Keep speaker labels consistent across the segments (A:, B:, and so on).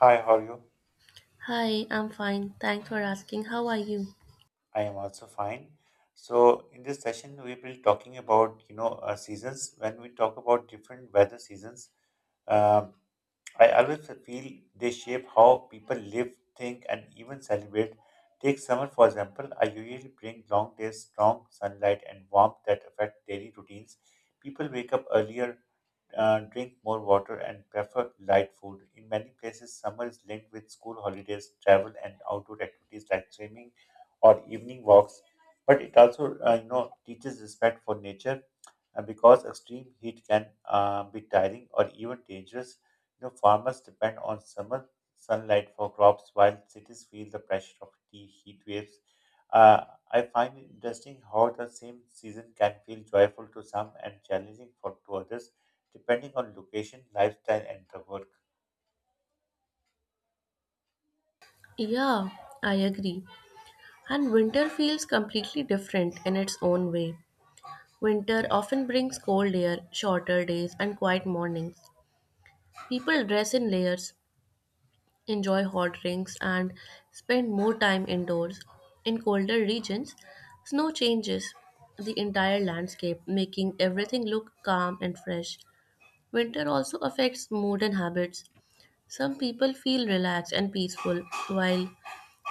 A: Hi, how are you?
B: Hi, I'm fine. Thanks for asking. How are you?
A: I am also fine. So, in this session, we will be talking about, seasons. When we talk about different weather seasons, um, I always feel they shape how people live, think, and even celebrate. Take summer, for example. I usually bring long days, strong sunlight, and warmth that affect daily routines. People wake up earlier, drink more water, and prefer light food. In many places, summer is linked with school holidays, travel, and outdoor activities like swimming or evening walks. But it also, teaches respect for nature, because extreme heat can be tiring or even dangerous. You know, farmers depend on summer sunlight for crops, while cities feel the pressure of the heat waves. Uh, I find it interesting how the same season can feel joyful to some and challenging for to others depending on location, lifestyle, and the work.
B: Yeah, I agree. And winter feels completely different in its own way. Winter often brings cold air, shorter days, and quiet mornings. People dress in layers, enjoy hot drinks, and spend more time indoors. In colder regions, snow changes the entire landscape, making everything look calm and fresh. Winter also affects mood and habits. Some people feel relaxed and peaceful, while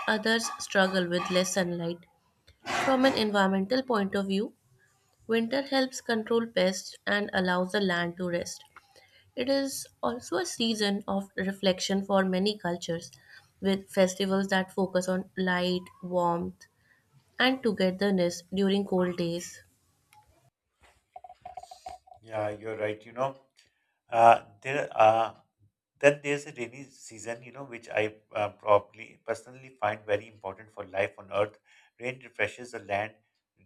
B: others struggle with less sunlight. From an environmental point of view, winter helps control pests and allows the land to rest. It is also a season of reflection for many cultures, with festivals that focus on light, warmth, and togetherness during cold days.
A: Yeah, you're right. You know, there Then there's a rainy season, which I probably personally find very important for life on Earth. Rain refreshes the land,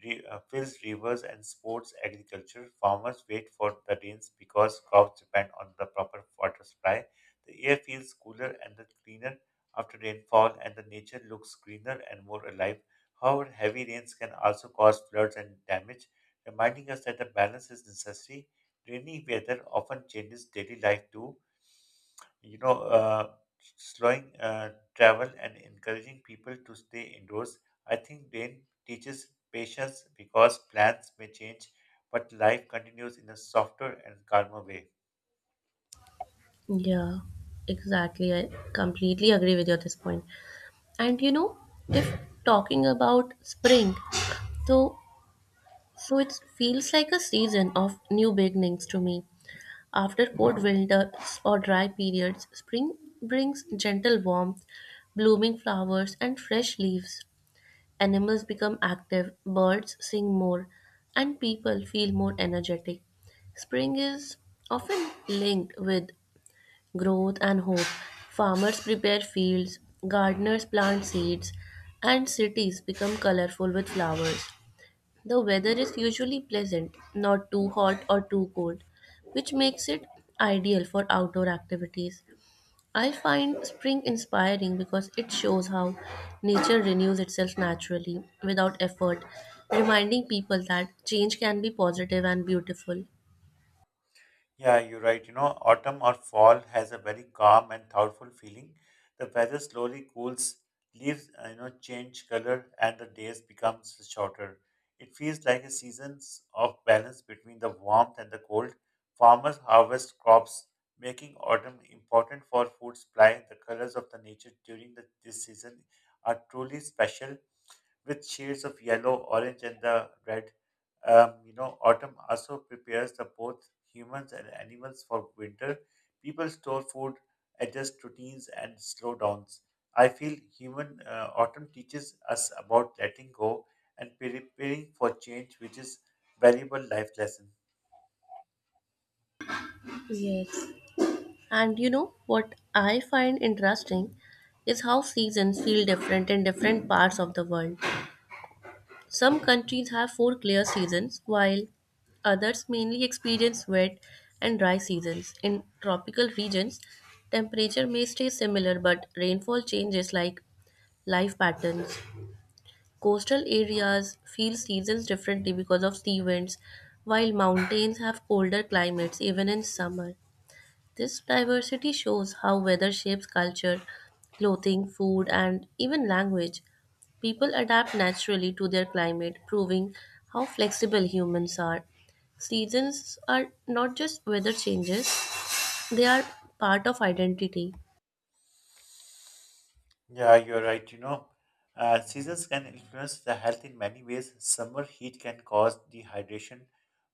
A: fills rivers, and supports agriculture. Farmers wait for the rains because crops depend on the proper water supply. The air feels cooler and the cleaner after rainfall, and the nature looks greener and more alive. However, heavy rains can also cause floods and damage, reminding us that the balance is necessary. Rainy weather often changes daily life too. You know, uh, Slowing travel and encouraging people to stay indoors. I think rain teaches patience because plans may change, but life continues in a softer and calmer way.
B: Yeah, exactly. I completely agree with you at this point. And you know, if talking about spring, so So it feels like a season of new beginnings to me. After cold winters or dry periods, spring brings gentle warmth, blooming flowers, and fresh leaves. Animals become active, birds sing more, and people feel more energetic. Spring is often linked with growth and hope. Farmers prepare fields, gardeners plant seeds, and cities become colorful with flowers. The weather is usually pleasant, not too hot or too cold, which makes it ideal for outdoor activities. I find spring inspiring because it shows how nature renews itself naturally without effort, reminding people that change can be positive and beautiful.
A: Yeah, you're right. You know, autumn or fall has a very calm and thoughtful feeling. The weather slowly cools, leaves, change color, and the days becomes shorter. It feels like a season of balance between the warmth and the cold. Farmers harvest crops, making autumn important for food supply. The colors of the nature during this season are truly special, with shades of yellow, orange, and the red. Autumn also prepares the both humans and animals for winter. People store food, adjust routines, and slow downs. I feel human autumn teaches us about letting go and preparing for change, which is valuable life lesson.
B: Yes. And you know what I find interesting is how seasons feel different in different parts of the world. Some countries have four clear seasons, while others mainly experience wet and dry seasons. In tropical regions, temperature may stay similar, but rainfall changes like life patterns. Coastal areas feel seasons differently because of sea winds, while mountains have colder climates even in summer. This diversity shows how weather shapes culture, clothing, food, and even language. People adapt naturally to their climate, proving how flexible humans are. Seasons are not just weather changes, they are part of identity.
A: Yeah, you're right. Seasons can influence the health in many ways. Summer heat can cause dehydration,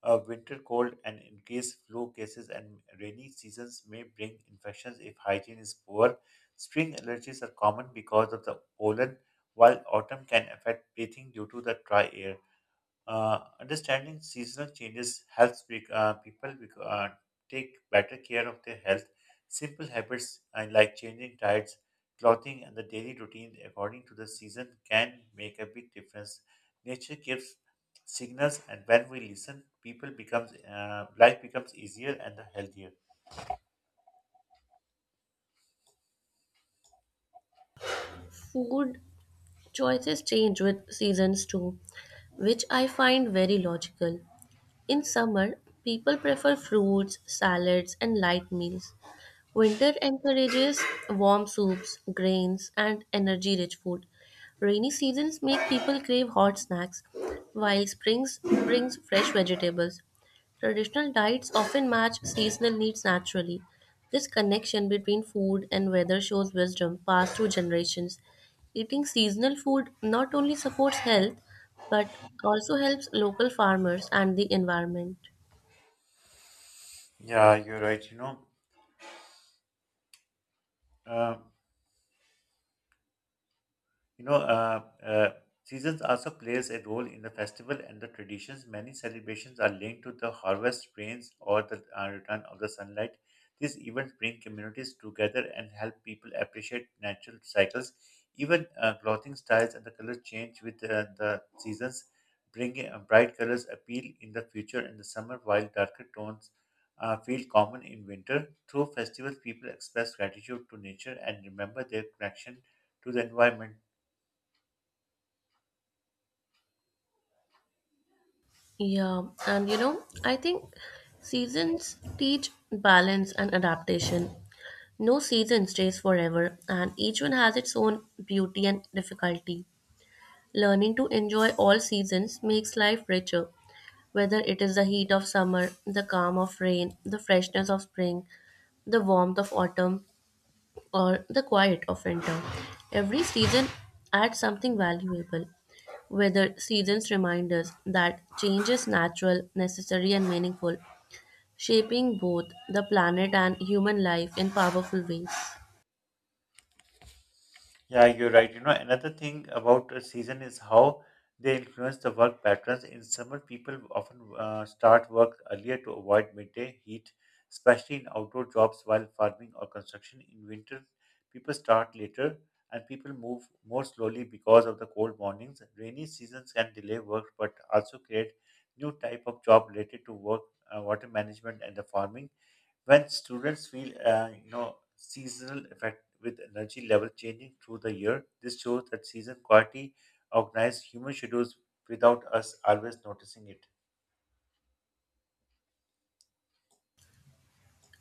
A: winter cold and increase flu cases, and rainy seasons may bring infections if hygiene is poor. Spring allergies are common because of the pollen, while autumn can affect breathing due to the dry air. Understanding seasonal changes helps people take better care of their health. Simple habits like changing diets, clothing, and the daily routine according to the season can make a big difference. Nature gives signals, and when we listen, people becomes life becomes easier and healthier.
B: Food choices change with seasons too, which I find very logical. In summer, people prefer fruits, salads, and light meals. Winter encourages warm soups, grains, and energy rich food. Rainy seasons make people crave hot snacks, while springs brings fresh vegetables. Traditional diets often match seasonal needs naturally. This connection between food and weather shows wisdom passed through generations. Eating seasonal food not only supports health but also helps local farmers and the environment.
A: Yeah, you're right. Um You know, uh, uh, Seasons also plays a role in the festival and the traditions. Many celebrations are linked to the harvest rains or the return of the sunlight. These events bring communities together and help people appreciate natural cycles. Even clothing styles and the color change with the seasons, bringing bright colors appeal in the future in the summer, while darker tones feel common in winter. Through festivals, people express gratitude to nature and remember their connection to the environment.
B: Yeah, and you know, I think seasons teach balance and adaptation. No season stays forever, and each one has its own beauty and difficulty. Learning to enjoy all seasons makes life richer, whether it is the heat of summer, the calm of rain, the freshness of spring, the warmth of autumn, or the quiet of winter. Every season adds something valuable. Weather seasons remind us that change is natural, necessary, and meaningful, shaping both the planet and human life in powerful ways.
A: Yeah, you're right. You know, another thing about a season is how they influence the work patterns. In summer, people often start work earlier to avoid midday heat, especially in outdoor jobs while farming or construction. In winter, people start later and people move more slowly because of the cold mornings. Rainy seasons can delay work but also create new type of job related to work, water management and the farming. When students feel, seasonal effect with energy level changing through the year, this shows that season quality organize human schedules without us always noticing it.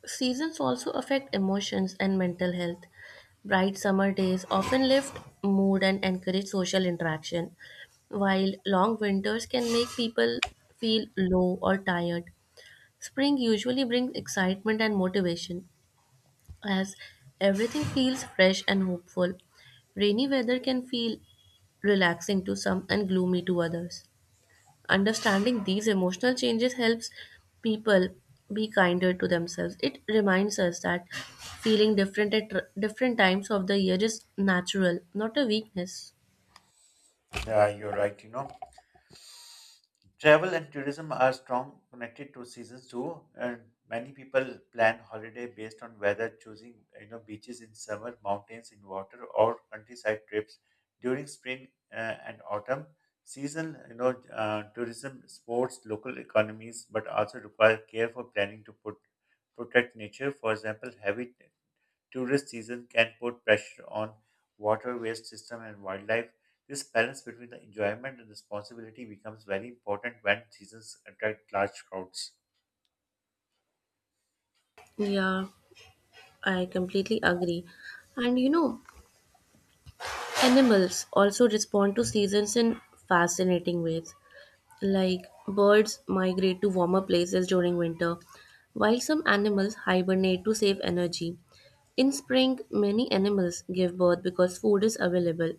B: Seasons also affect emotions and mental health. Bright summer days often lift mood and encourage social interaction, while long winters can make people feel low or tired. Spring usually brings excitement and motivation, as everything feels fresh and hopeful. Rainy weather can feel relaxing to some and gloomy to others. Understanding these emotional changes helps people be kinder to themselves. It reminds us that feeling different at different times of the year is natural, not a weakness.
A: Yeah, you're right. You know. Travel and tourism are strong connected to seasons too, and many people plan holiday based on weather, choosing beaches in summer, mountains in water, or countryside trips during spring and autumn. Season, tourism supports local economies, but also require care for planning to put, protect nature. For example, heavy tourist season can put pressure on water waste system and wildlife. This balance between the enjoyment and responsibility becomes very important when seasons attract large crowds.
B: Yeah, I completely agree. And you know, animals also respond to seasons in fascinating ways. Like birds migrate to warmer places during winter, while some animals hibernate to save energy. In spring, many animals give birth because food is available.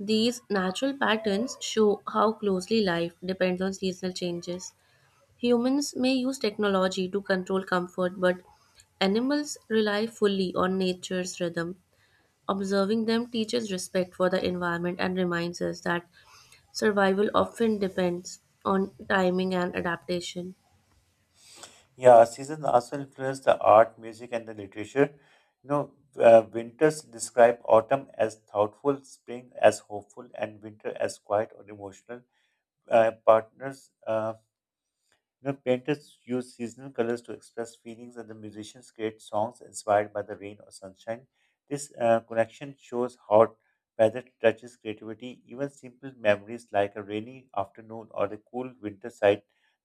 B: These natural patterns show how closely life depends on seasonal changes. Humans may use technology to control comfort, but animals rely fully on nature's rhythm. Observing them teaches respect for the environment and reminds us that survival often depends on timing and adaptation.
A: Yeah, seasons also influence the art, music, and the literature. Winters describe autumn as thoughtful, spring as hopeful, and winter as quiet or emotional. Uh, partners, uh, Painters use seasonal colors to express feelings, and the musicians create songs inspired by the rain or sunshine. This connection shows how weather touches creativity. Even simple memories like a rainy afternoon or the cool winter side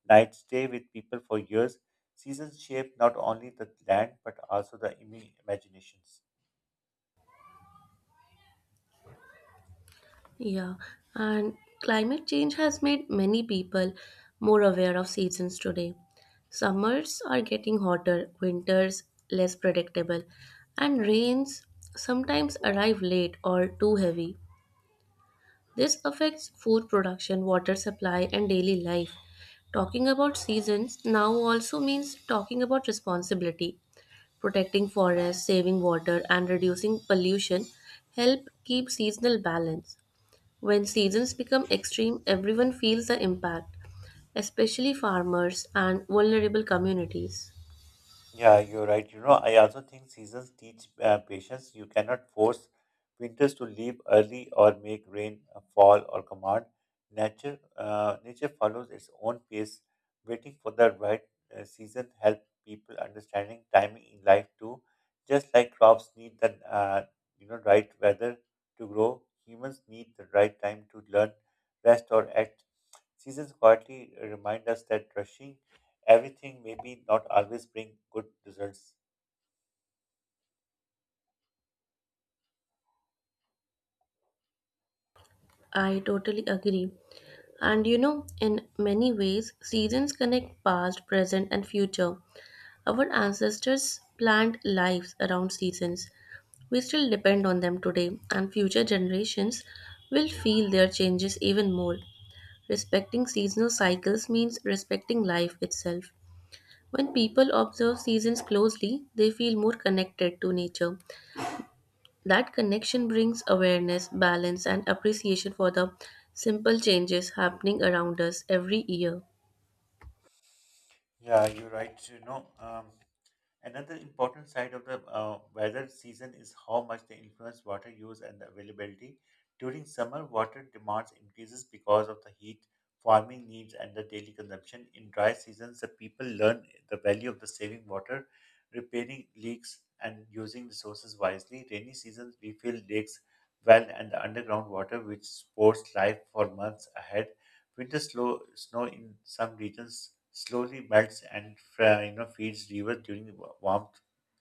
A: night stay with people for years. Seasons shape not only the land but also the imaginations.
B: Yeah, and climate change has made many people more aware of seasons today. Summers are getting hotter, winters less predictable, and rains sometimes arrive late or too heavy. This affects food production, water supply, and daily life. Talking about seasons now also means talking about responsibility. Protecting forests, saving water, and reducing pollution help keep seasonal balance. When seasons become extreme, everyone feels the impact, especially farmers and vulnerable communities.
A: Yeah, you're right. You know, I also think seasons teach patience. You cannot force winters to leave early or make rain fall or command. Nature follows its own pace. Waiting for the right season help people understanding timing in life too. Just like crops need the right weather to grow, humans need the right time to learn, rest, or act. Seasons quietly remind us that rushing everything maybe not always bring good results.
B: I totally agree. And you know, in many ways, seasons connect past, present, and future. Our ancestors planned lives around seasons. We still depend on them today, and future generations will feel their changes even more. Respecting seasonal cycles means respecting life itself. When people observe seasons closely, they feel more connected to nature. That connection brings awareness, balance, and appreciation for the simple changes happening around us every year.
A: Yeah, you're right. Another important side of the weather season is how much they influence water use and the availability. During summer, water demands increases because of the heat, farming needs, and the daily consumption. In dry seasons, the people learn the value of the saving water, repairing leaks, and using resources wisely. Rainy seasons, we fill lakes, well, and the underground water, which supports life for months ahead. Winter slow, snow in some regions slowly melts and feeds rivers during the warm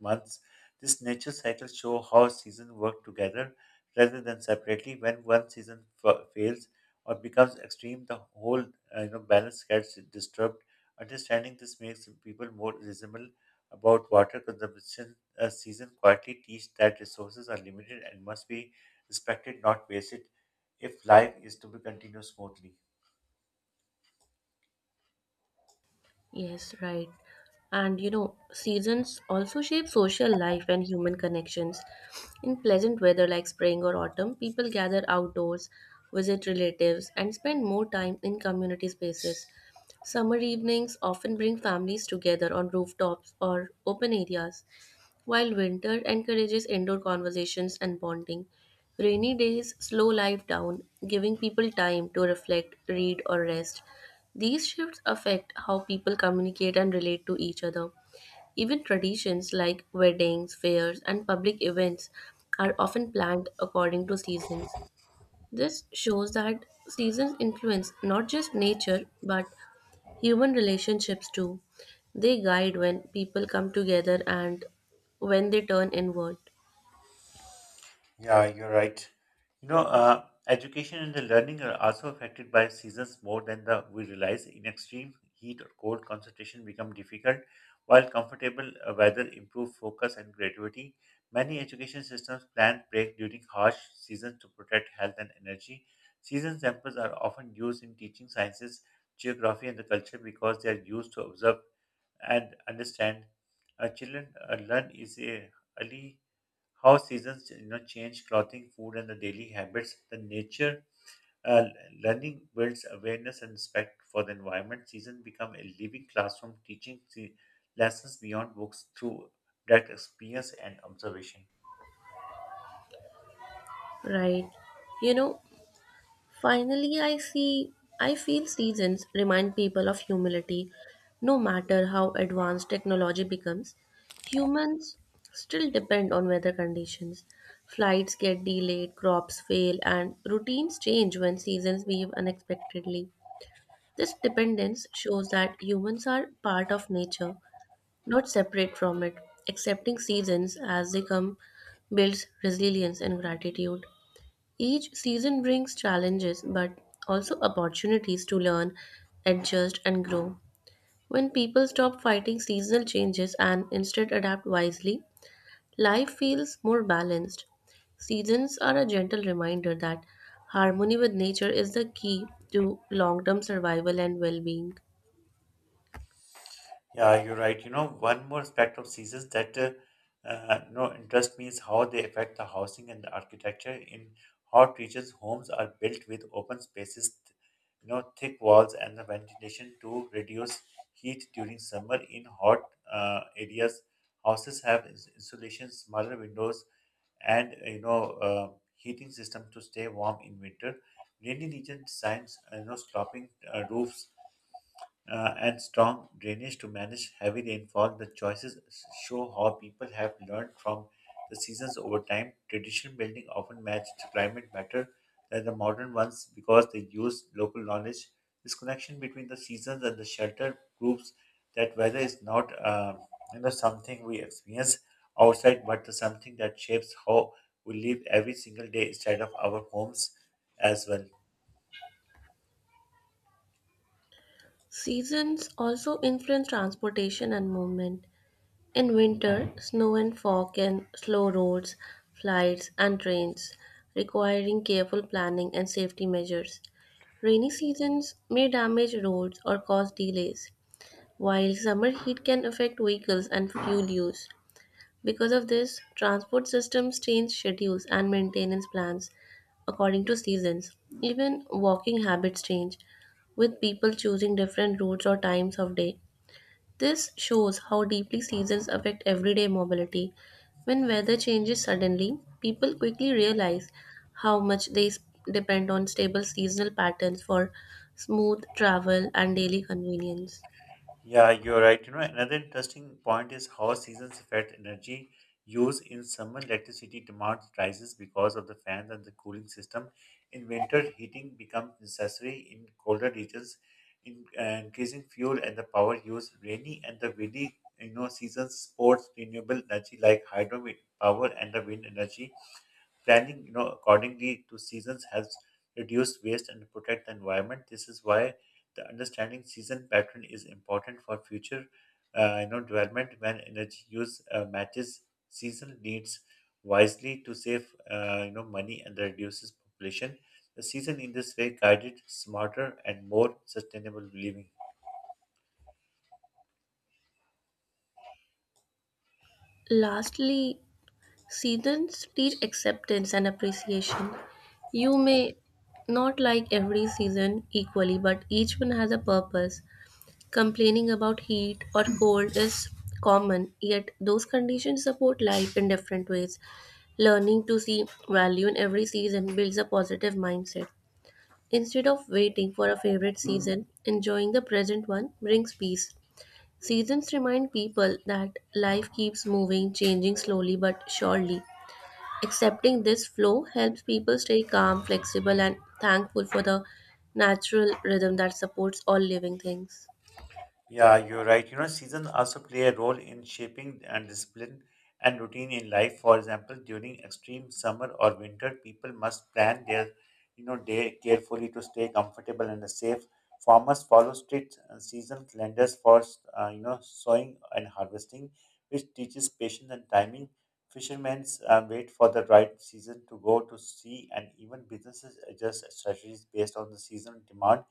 A: months. This nature cycle show how seasons work together rather than separately. When one season fails or becomes extreme, the whole balance gets disturbed. Understanding this makes people more reasonable about water consumption. A season quietly teach that resources are limited and must be respected, not wasted, if life is to be continued smoothly.
B: Yes, right. And you know, seasons also shape social life and human connections. In pleasant weather like spring or autumn, people gather outdoors, visit relatives, and spend more time in community spaces. Summer evenings often bring families together on rooftops or open areas, while winter encourages indoor conversations and bonding. Rainy days slow life down, giving people time to reflect, read, or rest. These shifts affect how people communicate and relate to each other. Even traditions like weddings, fairs, and public events are often planned according to seasons. This shows that seasons influence not just nature but human relationships, too. They guide when people come together and when they turn inward.
A: Yeah, you're right. Education and the learning are also affected by seasons more than the we realize. In extreme heat or cold, concentration become difficult, while comfortable weather improve focus and creativity. Many education systems plan break during harsh seasons to protect health and energy. Season samples are often used in teaching sciences, geography, and the culture because they are used to observe and understand. Children learn is a early how seasons change clothing, food, and the daily habits. The Nature uh, learning builds awareness and respect for the environment. Season become a living classroom, teaching the lessons beyond books through direct experience and observation.
B: Right. You know, finally, I see, I feel seasons remind people of humility. No matter how advanced technology becomes, humans still depend on weather conditions. Flights get delayed, crops fail, and routines change when seasons behave unexpectedly. This dependence shows that humans are part of nature, not separate from it. Accepting seasons as they come builds resilience and gratitude. Each season brings challenges but also opportunities to learn, adjust, and grow. When people stop fighting seasonal changes and instead adapt wisely, life feels more balanced. Seasons are a gentle reminder that harmony with nature is the key to long term survival and well being.
A: Yeah, you're right. You know, one more aspect of seasons that interest me is how they affect the housing and the architecture in hot regions. Homes are built with open spaces, thick walls and the ventilation to reduce heat during summer. In hot areas, houses have insulation, smaller windows, and heating system to stay warm in winter. Rainy region designs, sloping roofs and strong drainage to manage heavy rainfall. The choices show how people have learned from the seasons over time. Traditional building often matched climate better than the modern ones because they use local knowledge. This connection between the seasons and the shelter proves that weather is not something we experience outside, but something that shapes how we live every single day inside of our homes as well.
B: Seasons also influence transportation and movement. In winter, snow and fog can slow roads, flights, and trains, requiring careful planning and safety measures. Rainy seasons may damage roads or cause delays, while summer heat can affect vehicles and fuel use. Because of this, transport systems change schedules and maintenance plans according to seasons. Even walking habits change, with people choosing different routes or times of day. This shows how deeply seasons affect everyday mobility. When weather changes suddenly, people quickly realize how much they depend on stable seasonal patterns for smooth travel and daily convenience.
A: Yeah, you're right. You know, another interesting point is how seasons affect energy use. In summer, electricity demand rises because of the fans and the cooling system. In winter, heating becomes necessary in colder regions, increasing fuel and the power use. Rainy and the windy, seasons sports renewable energy like hydro power and the wind energy. Planning, accordingly to seasons helps reduce waste and protect the environment. This is why the understanding season pattern is important for future, development when energy use matches seasonal needs wisely to save, money and reduces population. The season in this way guided smarter and more sustainable living.
B: Lastly, seasons teach acceptance and appreciation. You may not like every season equally, but each one has a purpose. Complaining about heat or cold is common, yet those conditions support life in different ways. Learning to see value in every season builds a positive mindset. Instead of waiting for a favorite season, enjoying the present one brings peace. Seasons remind people that life keeps moving, changing slowly but surely. Accepting this flow helps people stay calm, flexible, and thankful for the natural rhythm that supports all living things.
A: Yeah, you're right. You know, seasons also play a role in shaping and discipline and routine in life. For example, during extreme summer or winter, people must plan their, day carefully to stay comfortable and safe. Farmers follow strict season calendars for, sowing and harvesting, which teaches patience and timing. Fishermen wait for the right season to go to sea, and even businesses adjust strategies based on the seasonal demand.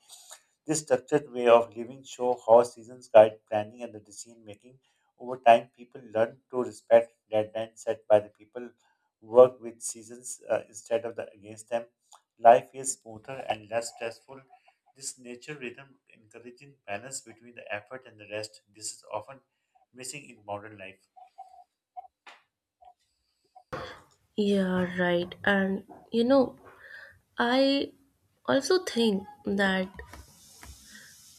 A: This structured way of living show how seasons guide planning and the decision making. Over time, people learn to respect deadlines set by the people who work with seasons instead of the against them. Life is smoother and less stressful. This nature rhythm encouraging balance between the effort and the rest. This is often missing in modern life.
B: Yeah, right. And you know, I also think that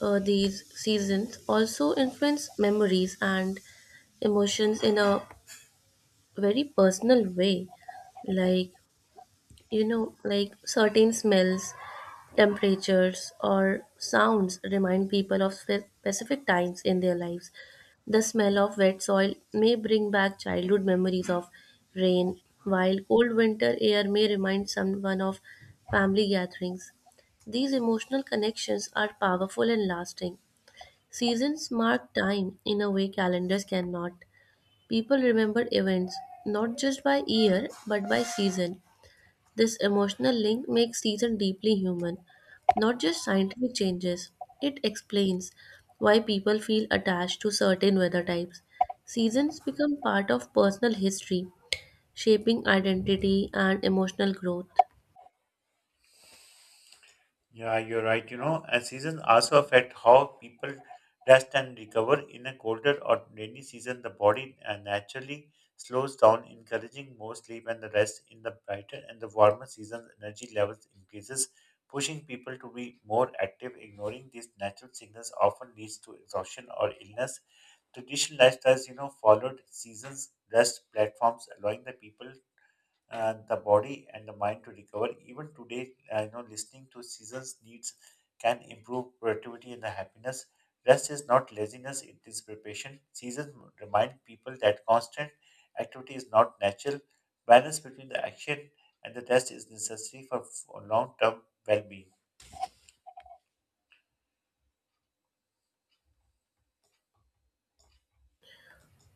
B: these seasons also influence memories and emotions in a very personal way. Like you know, like certain smells, temperatures, or sounds remind people of specific times in their lives. The smell of wet soil may bring back childhood memories of rain, while cold winter air may remind someone of family gatherings. These emotional connections are powerful and lasting. Seasons mark time in a way calendars cannot. People remember events not just by year but by season. This emotional link makes season deeply human, not just scientific changes. It explains why people feel attached to certain weather types. Seasons become part of personal history, shaping identity and emotional growth.
A: Yeah, you're right. You know, and seasons also affect how people rest and recover. In a colder or rainy season, the body naturally slows down, encouraging more sleep and the rest. In the brighter and the warmer seasons, energy levels increases, pushing people to be more active. Ignoring these natural signals often leads to exhaustion or illness. Traditional lifestyles, you know, followed seasons rest platforms, allowing the people the body and the mind to recover. Even today, listening to seasons' needs can improve productivity and the happiness. Rest is not laziness; it is preparation. Seasons remind people that constant activity is not natural. Balance between the action and the rest is necessary for long-term well-being.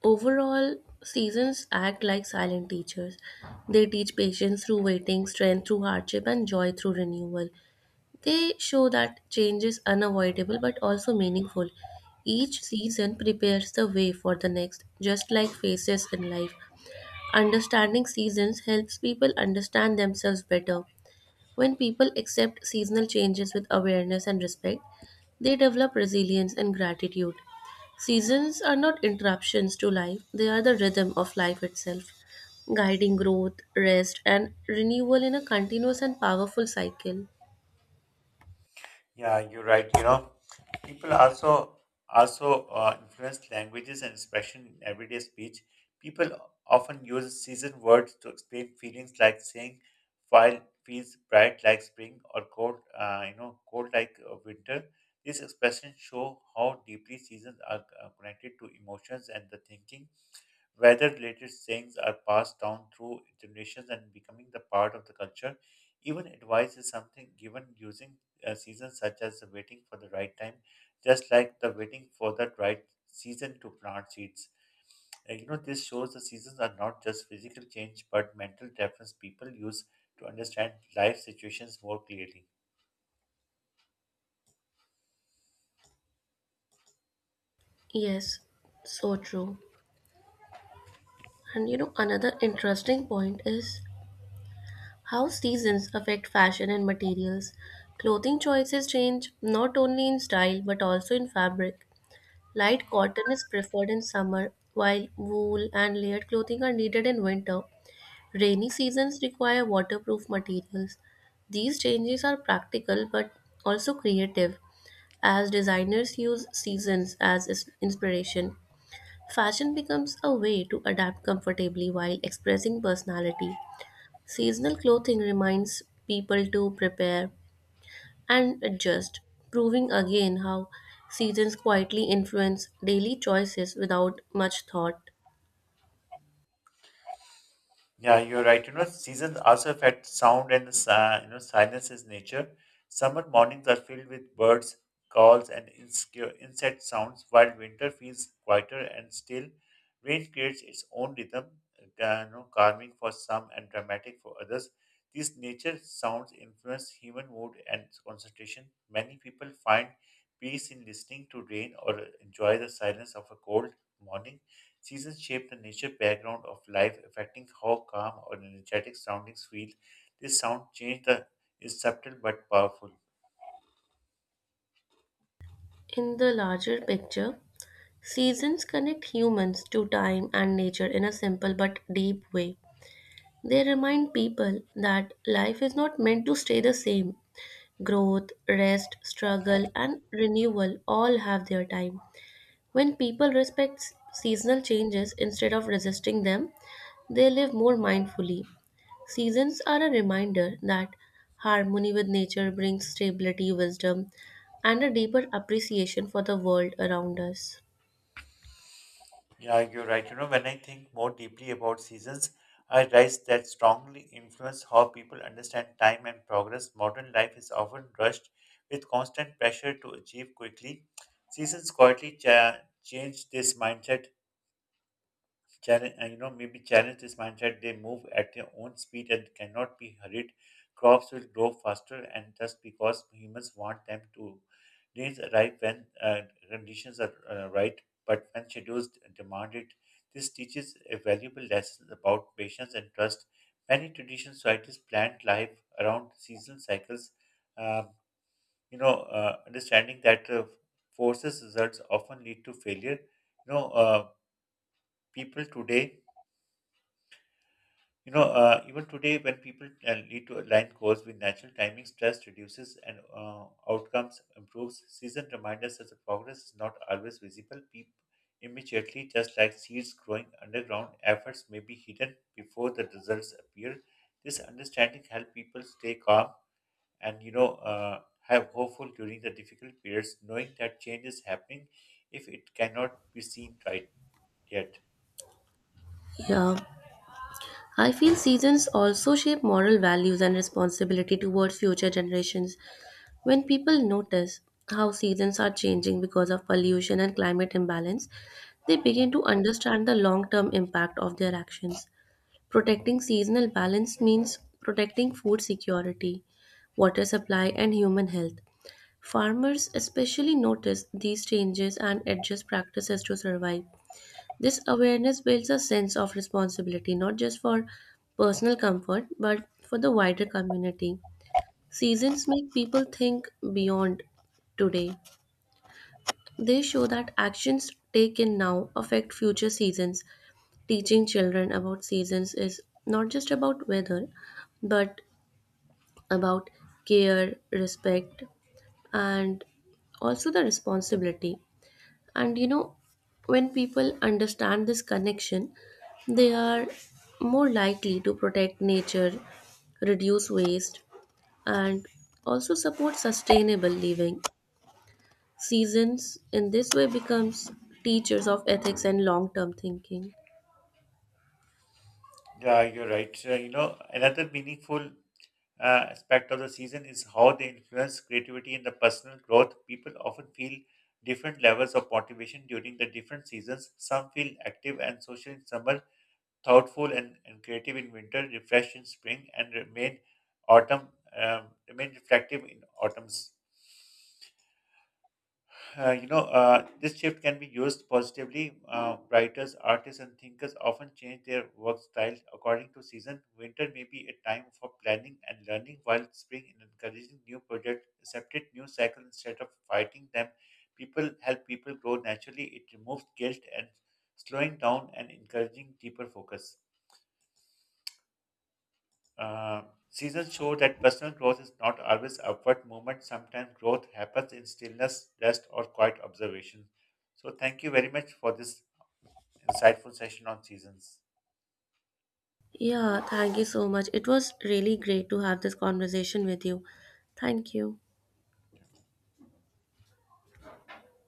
B: Overall, seasons act like silent teachers. They teach patience through waiting, strength through hardship, and joy through renewal. They show that change is unavoidable but also meaningful. Each season prepares the way for the next, just like phases in life. Understanding seasons helps people understand themselves better. When people accept seasonal changes with awareness and respect, they develop resilience and gratitude. Seasons are not interruptions to life, they are the rhythm of life itself, guiding growth, rest, and renewal in a continuous and powerful cycle.
A: Yeah, you're right. You know, people also influence languages and expression in everyday speech. People often use seasoned words to explain feelings, like saying "file feels bright like spring" or "cold," "cold like winter." These expressions show how deeply seasons are connected to emotions and the thinking. Weather related sayings are passed down through generations and becoming the part of the culture. Even advice is something given using seasons such as the waiting for the right time, just like the waiting for that right season to plant seeds. And, you know, this shows the seasons are not just physical change but mental difference people use to understand life situations more clearly.
B: Yes, so true. And you know, another interesting point is how seasons affect fashion and materials. Clothing choices change not only in style but also in fabric. Light cotton is preferred in summer, while wool and layered clothing are needed in winter. Rainy seasons require waterproof materials. These changes are practical but also creative, as designers use seasons as inspiration. Fashion becomes a way to adapt comfortably while expressing personality. Seasonal clothing reminds people to prepare and adjust, proving again how seasons quietly influence daily choices without much thought.
A: Yeah, you're right. You know, seasons also affect sound and the you know silence's nature. Summer mornings are filled with birds, calls, and insect sounds, while winter feels quieter and still. Rain creates its own rhythm, uh, calming for some and dramatic for others. These nature sounds influence human mood and concentration. Many people find peace in listening to rain or enjoy the silence of a cold morning. Seasons shape the nature background of life, affecting how calm or energetic surroundings feel. This sound change the, is subtle but powerful.
B: In the larger picture, seasons connect humans to time and nature in a simple but deep way. They remind people that life is not meant to stay the same. Growth, rest, struggle, and renewal all have their time. When people respect seasonal changes instead of resisting them, they live more mindfully. Seasons are a reminder that harmony with nature brings stability, wisdom, and a deeper appreciation for the world around us.
A: Yeah, you're right. You know, when I think more deeply about seasons, I realize that strongly influence how people understand time and progress. Modern life is often rushed with constant pressure to achieve quickly. Seasons quietly change this mindset. Maybe challenge this mindset. They move at their own speed and cannot be hurried. Crops will grow faster, and just because humans want them to, rains arrive when conditions are right, but when schedules demand it. This teaches a valuable lesson about patience and trust. Many traditional societies plant life around seasonal cycles. Um, Understanding that forces results often lead to failure. You know, uh, people today Even today, when people lead to align goals with natural timing, stress reduces and outcomes improves. Season reminds us that the progress is not always visible. Peep immediately, just like seeds growing underground, efforts may be hidden before the results appear. This understanding helps people stay calm and have hopeful during the difficult periods, knowing that change is happening if it cannot be seen right yet.
B: Yeah, I feel seasons also shape moral values and responsibility towards future generations. When people notice how seasons are changing because of pollution and climate imbalance, they begin to understand the long term impact of their actions. Protecting seasonal balance means protecting food security, water supply, and human health. Farmers especially notice these changes and adjust practices to survive. This awareness builds a sense of responsibility not just for personal comfort but for the wider community. Seasons make people think beyond today. They show that actions taken now affect future seasons. Teaching children about seasons is not just about weather, but about care, respect, and also the responsibility. And you know, when people understand this connection, they are more likely to protect nature, reduce waste, and also support sustainable living. Seasons in this way becomes teachers of ethics and long-term thinking.
A: Yeah, you're right. You know, another meaningful aspect of the season is how they influence creativity and the personal growth. People often feel different levels of motivation during the different seasons. Some feel active and social in summer, thoughtful and creative in winter, refreshed in spring, and autumn remain reflective in autumns. This shift can be used positively. Writers, artists, and thinkers often change their work style according to season. Winter may be a time for planning and learning, while spring is encouraging new projects, accepted new cycles instead of fighting them. People help people grow naturally. It removes guilt and slowing down and encouraging deeper focus. Uh, Seasons show that personal growth is not always upward movement. Sometimes growth happens in stillness, rest, or quiet observation. So, thank you very much for this insightful session on seasons.
B: Yeah, thank you so much. It was really great to have this conversation with you. Thank you.